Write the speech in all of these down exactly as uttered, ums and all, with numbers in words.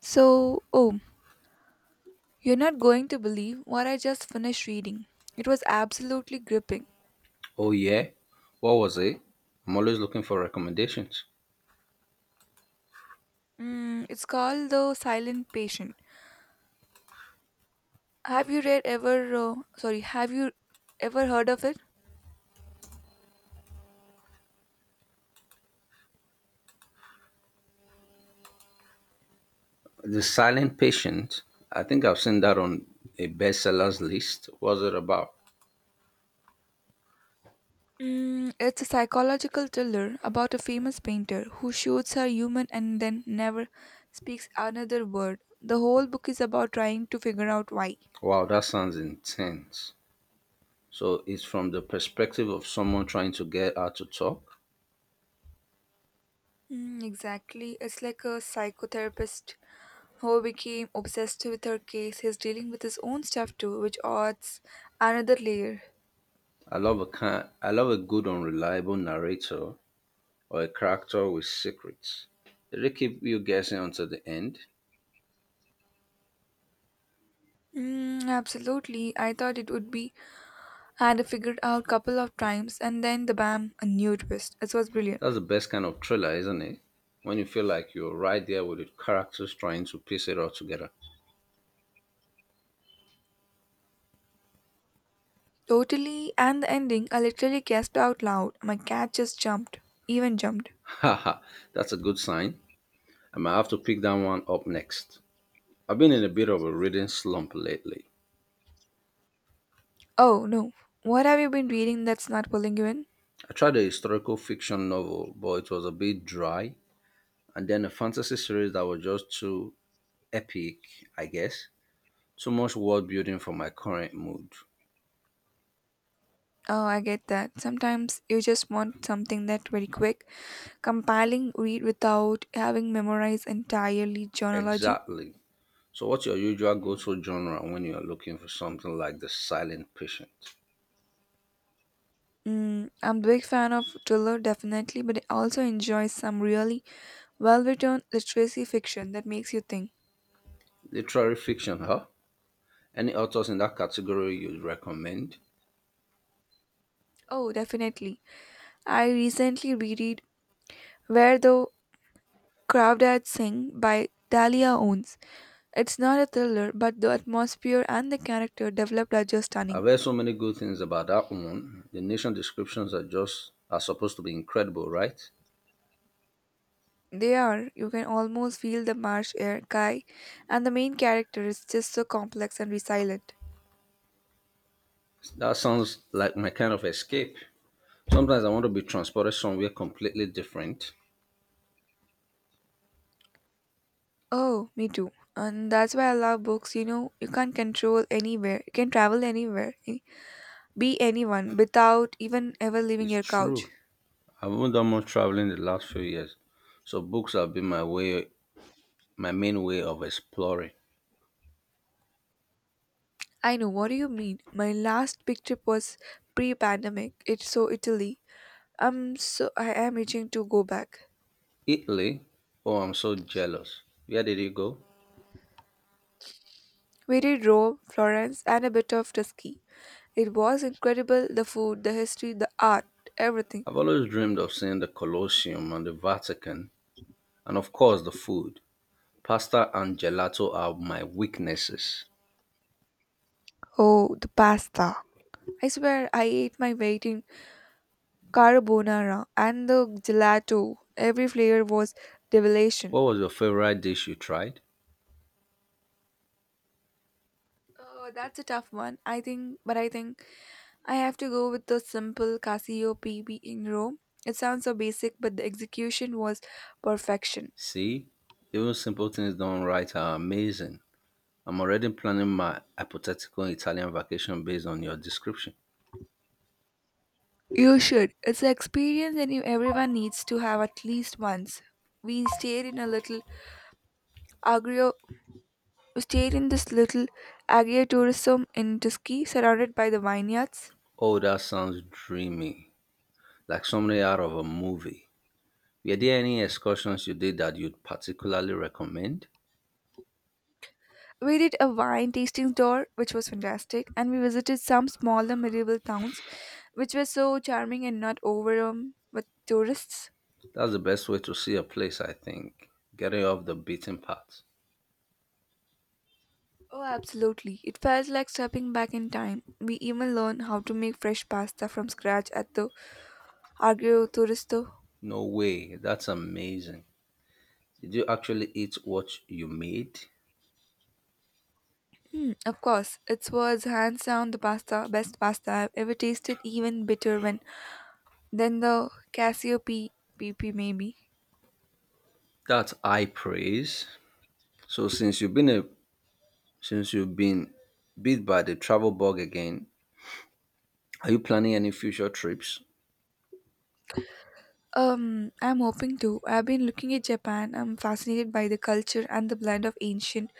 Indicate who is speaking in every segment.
Speaker 1: So, oh, you're not going to believe what I just finished reading. It was absolutely gripping.
Speaker 2: Oh yeah, what was it? I'm always looking for recommendations.
Speaker 1: Mm, it's called The Silent Patient. Have you read ever, uh, sorry, have you ever heard of it?
Speaker 2: The Silent Patient. I think I've seen that on a bestsellers list. What's it about?
Speaker 1: Mm, it's a psychological thriller about a famous painter who shoots her human and then never speaks another word. The whole book is about trying to figure out why.
Speaker 2: Wow, that sounds intense. So it's from the perspective of someone trying to get out to talk.
Speaker 1: Mm, exactly. It's like a psychotherapist who became obsessed with her case. He's dealing with his own stuff too, which adds another layer.
Speaker 2: I love a kind, I love a good unreliable narrator or a character with secrets. Did they keep you guessing until the end?
Speaker 1: Mm, absolutely. I thought it would be had I figured out couple of times and then the bam, a new twist. It was brilliant.
Speaker 2: That's the best kind of thriller, isn't it? When you feel like you're right there with the characters trying to piece it all together.
Speaker 1: Totally, and the ending I literally gasped out loud. My cat just jumped. Even jumped.
Speaker 2: Haha, that's a good sign. I might have to pick that one up next. I've been in a bit of a reading slump lately.
Speaker 1: Oh no. What have you been reading that's not pulling you in?
Speaker 2: I tried a historical fiction novel, but it was a bit dry, and then a fantasy series that was just too epic, I guess. Too much world building for my current mood.
Speaker 1: Oh, I get that. Sometimes you just want something that very quick, compelling read without having memorized entirely chronology.
Speaker 2: Exactly. So, what's your usual go to genre when you're looking for something like The Silent Patient?
Speaker 1: Mm, I'm a big fan of thriller, definitely, but I also enjoy some really well written literacy fiction that makes you think.
Speaker 2: Literary fiction, huh? Any authors in that category you'd recommend?
Speaker 1: Oh, definitely. I recently reread Where the Crawdads Sing by Dahlia Owens. It's not a thriller, but the atmosphere and the character developed are just
Speaker 2: I've
Speaker 1: stunning.
Speaker 2: heard so many good things about that one. The nation descriptions are just are supposed to be incredible, right?
Speaker 1: They are. You can almost feel the marsh air, Kai, and the main character is just so complex and resilient.
Speaker 2: That sounds like my kind of escape. Sometimes I want to be transported somewhere completely different.
Speaker 1: Oh, me too. And that's why I love books. You know, you can't control anywhere. You can travel anywhere, eh, be anyone without even ever leaving
Speaker 2: It's
Speaker 1: your couch.
Speaker 2: true. I haven't done much traveling the last few years, so books have been my way, my main way of exploring.
Speaker 1: I know. What do you mean? My last big trip was pre-pandemic. It's so Italy. I'm so I am itching to go back.
Speaker 2: Italy. Oh, I'm so jealous. Where did you go?
Speaker 1: We did Rome, Florence, and a bit of Tuscany. It was incredible. The food, the history, the art, everything.
Speaker 2: I've always dreamed of seeing the Colosseum and the Vatican, and of course the food. Pasta and gelato are my weaknesses.
Speaker 1: Oh, the pasta! I swear I ate my weight carbonara, and the gelato. Every flavor was revelation.
Speaker 2: What was your favorite dish you tried?
Speaker 1: Oh, that's a tough one, I think, but I think I have to go with the simple Casio P B in Rome. It sounds so basic, but the execution was perfection.
Speaker 2: See, even simple things done right are amazing. I'm already planning my hypothetical Italian vacation based on your description.
Speaker 1: You should. It's an experience that you- everyone needs to have at least once. We stayed in a little agrio, we stayed in this little agritourism in Tuscany, surrounded by the vineyards.
Speaker 2: Oh, that sounds dreamy, like something out of a movie. Were there any excursions you did that you'd particularly recommend?
Speaker 1: We did a wine tasting tour, which was fantastic, and we visited some smaller medieval towns, which were so charming and not overrun with tourists.
Speaker 2: That's the best way to see a place, I think. Getting off the beaten path.
Speaker 1: Oh, absolutely. It felt like stepping back in time. We even learned how to make fresh pasta from scratch at the Agrio Turisto.
Speaker 2: No way, that's amazing. Did you actually eat what you made?
Speaker 1: Of course, it was hands down the pasta, best pasta I've ever tasted, even bitter when than the Cassiope P P maybe.
Speaker 2: That's high praise. So, since you've been a Since you've been bit by the travel bug again, are you planning any future trips?
Speaker 1: Um, I'm hoping to. I've been looking at Japan. I'm fascinated by the culture and the blend of ancient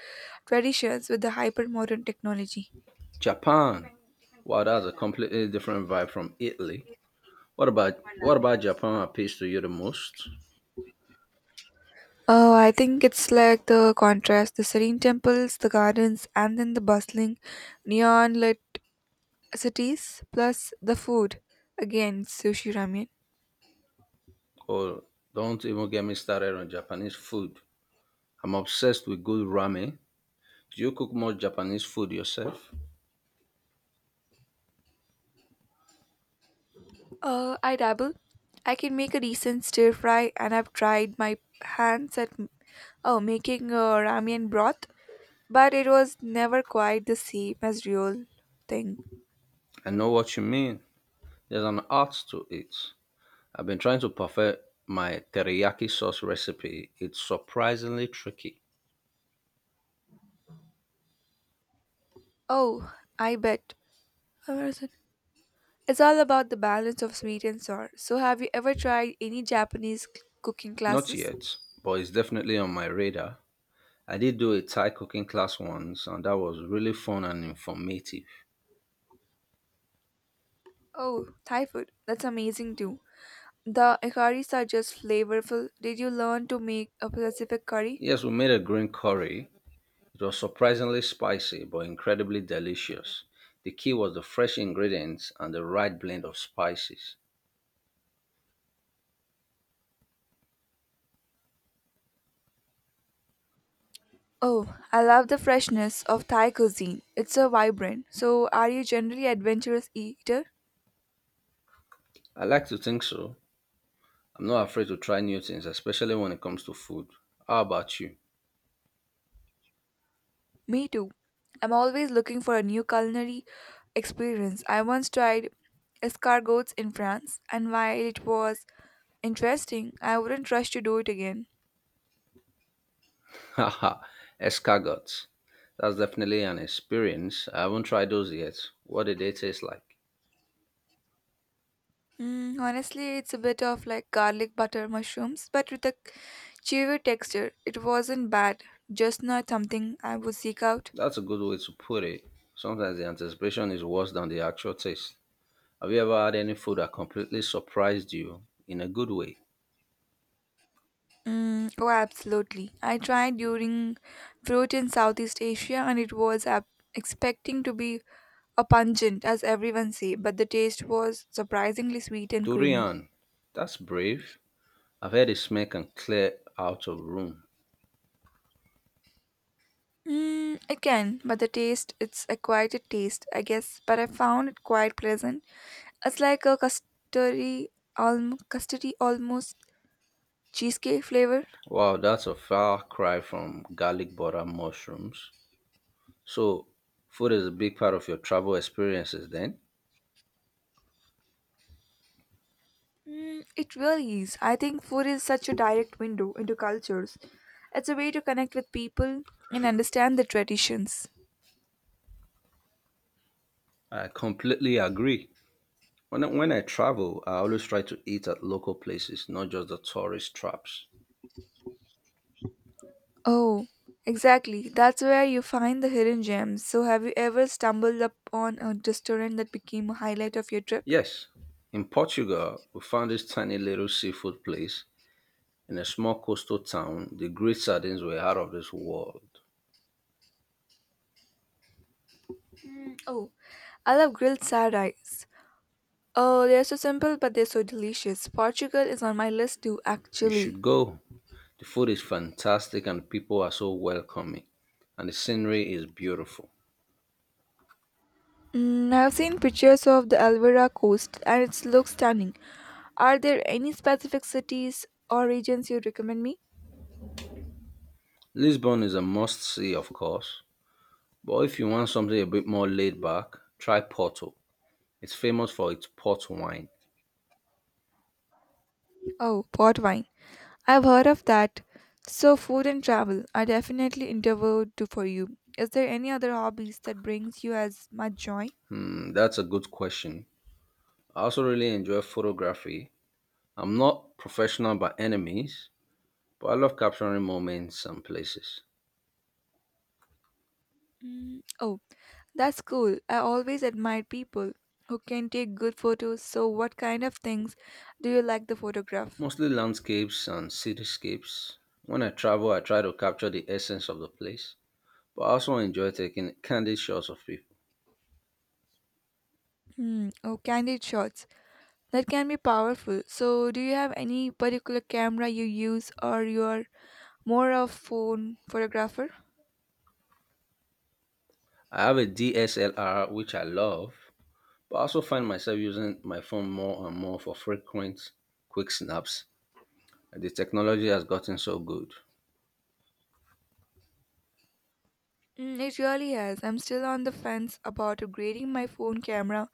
Speaker 1: traditions with the hypermodern technology.
Speaker 2: Japan. Wow, that's a completely different vibe from Italy. What about what about Japan appeals to you the most?
Speaker 1: Oh, I think it's like the contrast, the serene temples, the gardens, and then the bustling, neon lit cities, plus the food. Again, sushi ramen.
Speaker 2: Or don't even get me started on Japanese food. I'm obsessed with good ramen. Do you cook much Japanese food yourself?
Speaker 1: Uh, I dabble. I can make a decent stir fry, and I've tried my hands at oh making uh, ramen broth, but it was never quite the same as real thing.
Speaker 2: I know what you mean. There's an art to it. I've been trying to perfect my teriyaki sauce recipe. It's surprisingly tricky.
Speaker 1: Oh, I bet. Where is it? It's all about the balance of sweet and sour. So have you ever tried any Japanese c- cooking
Speaker 2: Not
Speaker 1: classes?
Speaker 2: yet, but it's definitely on my radar. I did do a Thai cooking class once, and that was really fun and informative.
Speaker 1: Oh, Thai food. That's amazing too. The curries are just flavorful. Did you learn to make a specific curry?
Speaker 2: Yes, we made a green curry. It was surprisingly spicy, but incredibly delicious. The key was the fresh ingredients and the right blend of spices.
Speaker 1: Oh, I love the freshness of Thai cuisine. It's so vibrant. So are you generally adventurous eater?
Speaker 2: I like to think so. I'm not afraid to try new things, especially when it comes to food. How about you?
Speaker 1: Me too. I'm always looking for a new culinary experience. I once tried escargots in France, and while it was interesting, I wouldn't rush to do it again.
Speaker 2: Haha, escargots. That's definitely an experience. I haven't tried those yet. What did they taste like?
Speaker 1: Mm, honestly, it's a bit of like garlic butter mushrooms, but with a chewy texture. It wasn't bad, just not something I would seek out.
Speaker 2: That's a good way to put it. Sometimes the anticipation is worse than the actual taste. Have you ever had any food that completely surprised you in a good way?
Speaker 1: Mm, oh, absolutely. I tried during fruit in Southeast Asia and it was ab- expecting to be a pungent, as everyone say, but the taste was surprisingly sweet and creamy.
Speaker 2: Durian. That's brave. I've heard it smell can clear out of room.
Speaker 1: Mm, it can, but the taste, it's a acquired taste, I guess, but I found it quite pleasant. It's like a custardy, alm- custardy almost cheesecake flavor.
Speaker 2: Wow, that's a far cry from garlic butter mushrooms. So, food is a big part of your travel experiences then?
Speaker 1: Mm, it really is. I think food is such a direct window into cultures. It's a way to connect with people and understand the traditions.
Speaker 2: I completely agree. When I, when I travel, I always try to eat at local places, not just the tourist traps.
Speaker 1: Oh, exactly. That's where you find the hidden gems. So, have you ever stumbled upon a restaurant that became a highlight of your trip?
Speaker 2: Yes, in Portugal, we found this tiny little seafood place in a small coastal town. The great sardines were out of this world.
Speaker 1: Oh, I love grilled side rice. Oh, they're so simple, but they're so delicious. Portugal is on my list too,
Speaker 2: You
Speaker 1: actually.
Speaker 2: should go. The food is fantastic and people are so welcoming, and the scenery is beautiful.
Speaker 1: Mm, I've seen pictures of the Alvera coast and it looks stunning. Are there any specific cities or regions you recommend me?
Speaker 2: Lisbon is a must see, of course, but if you want something a bit more laid back, try Porto. It's famous for its port wine.
Speaker 1: Oh, port wine. I've heard of that. So food and travel are definitely interviewed to for you. Is there any other hobbies that brings you as much joy?
Speaker 2: Hmm, that's a good question. I also really enjoy photography. I'm not professional by any means, but I love capturing moments and places,
Speaker 1: Mm, oh, that's cool. I always admire people who can take good photos. So what kind of things do you like to photograph?
Speaker 2: mostly landscapes and cityscapes. When I travel, I try to capture the essence of the place, but I also enjoy taking candid shots of people.
Speaker 1: Hmm, oh, candid shots. That can be powerful. So, do you have any particular camera you use, or you are more of phone photographer?
Speaker 2: I have a D S L R, which I love, but I also find myself using my phone more and more for frequent, quick snaps. The technology has gotten so good.
Speaker 1: Mm, it really has. I'm still on the fence about upgrading my phone camera.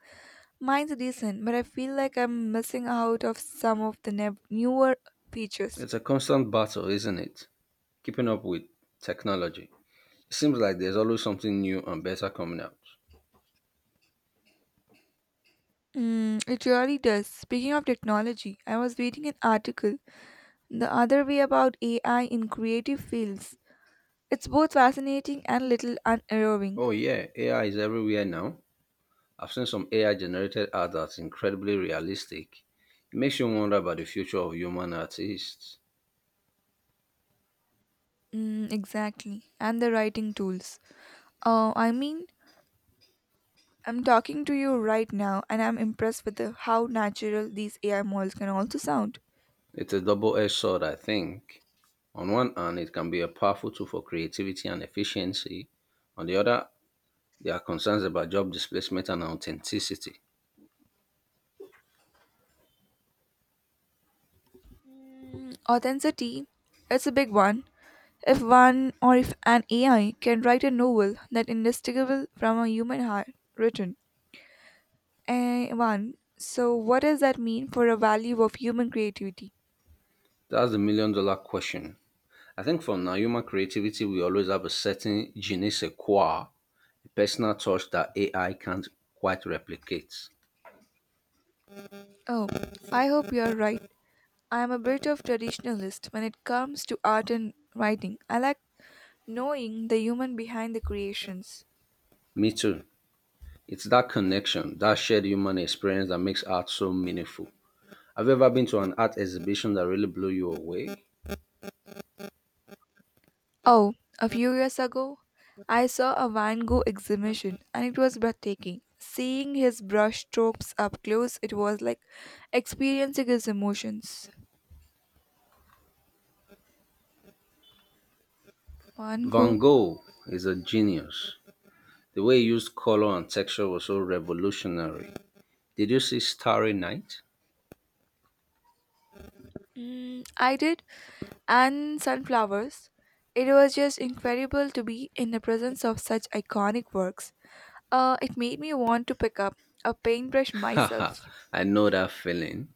Speaker 1: Mine's decent, but I feel like I'm missing out of some of the nev- newer features.
Speaker 2: It's a constant battle, isn't it? Keeping up with technology. It seems like there's always something new and better coming out.
Speaker 1: Mm, it really does. Speaking of technology, I was reading an article the other way about A I in creative fields. It's both fascinating and little unnerving.
Speaker 2: Oh, yeah, A I is everywhere now. I've seen some A I generated art that's incredibly realistic. It makes you wonder about the future of human artists.
Speaker 1: Mm, exactly. And the writing tools. Uh, I mean, I'm talking to you right now and I'm impressed with the, how natural these A I models can also sound.
Speaker 2: It's a double edged sword, I think. On one hand, it can be a powerful tool for creativity and efficiency. On the other, there are concerns about job displacement and authenticity.
Speaker 1: Mm, authenticity, it's a big one. If one or if an A I can write a novel that indistinguishable from a human heart written. Eh, one. So what does that mean for a value of human creativity?
Speaker 2: That's the million dollar question. I think for now, human creativity will always have a certain je ne sais quoi, a personal touch that A I can't quite replicate.
Speaker 1: Oh, I hope you're right. I am a bit of traditionalist when it comes to art and writing. I like knowing the human behind the creations.
Speaker 2: Me too. It's that connection, that shared human experience that makes art so meaningful. Have you ever been to an art exhibition that really blew you away?
Speaker 1: Oh, a few years ago, I saw a Van Gogh exhibition and it was breathtaking. Seeing his brush strokes up close, it was like experiencing his emotions. Van Gogh.
Speaker 2: Van Gogh is a genius. The way he used color and texture was so revolutionary. Did you see Starry Night?
Speaker 1: Mm, I did, and sunflowers. It was just incredible to be in the presence of such iconic works. Uh, it made me want to pick up a paintbrush
Speaker 2: Haha,
Speaker 1: myself.
Speaker 2: I know that feeling.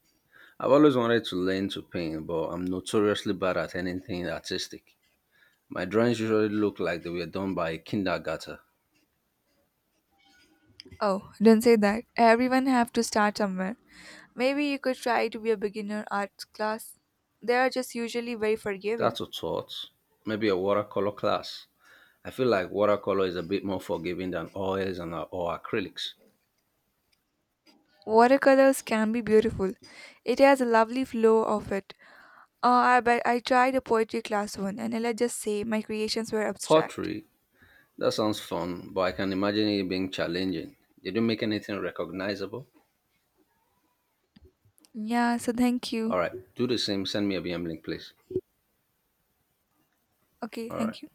Speaker 2: I've always wanted to learn to paint, but I'm notoriously bad at anything artistic. My drawings usually look like they were done by a kindergarten.
Speaker 1: Oh, don't say that. Everyone have to start somewhere. Maybe you could try to be a beginner art class. They are just usually very forgiving.
Speaker 2: That's a thought. Maybe a watercolor class. I feel like watercolor is a bit more forgiving than oils and uh, or acrylics.
Speaker 1: Watercolors can be beautiful. It has a lovely flow of it. Uh, I but I tried a poetry class one, and let's just say my creations were abstract.
Speaker 2: Pottery, that sounds fun, but I can imagine it being challenging. Did you make anything recognizable?
Speaker 1: Yeah, so thank you.
Speaker 2: All right, do the same. Send me a V M link, please.
Speaker 1: Okay,
Speaker 2: All right.
Speaker 1: thank you.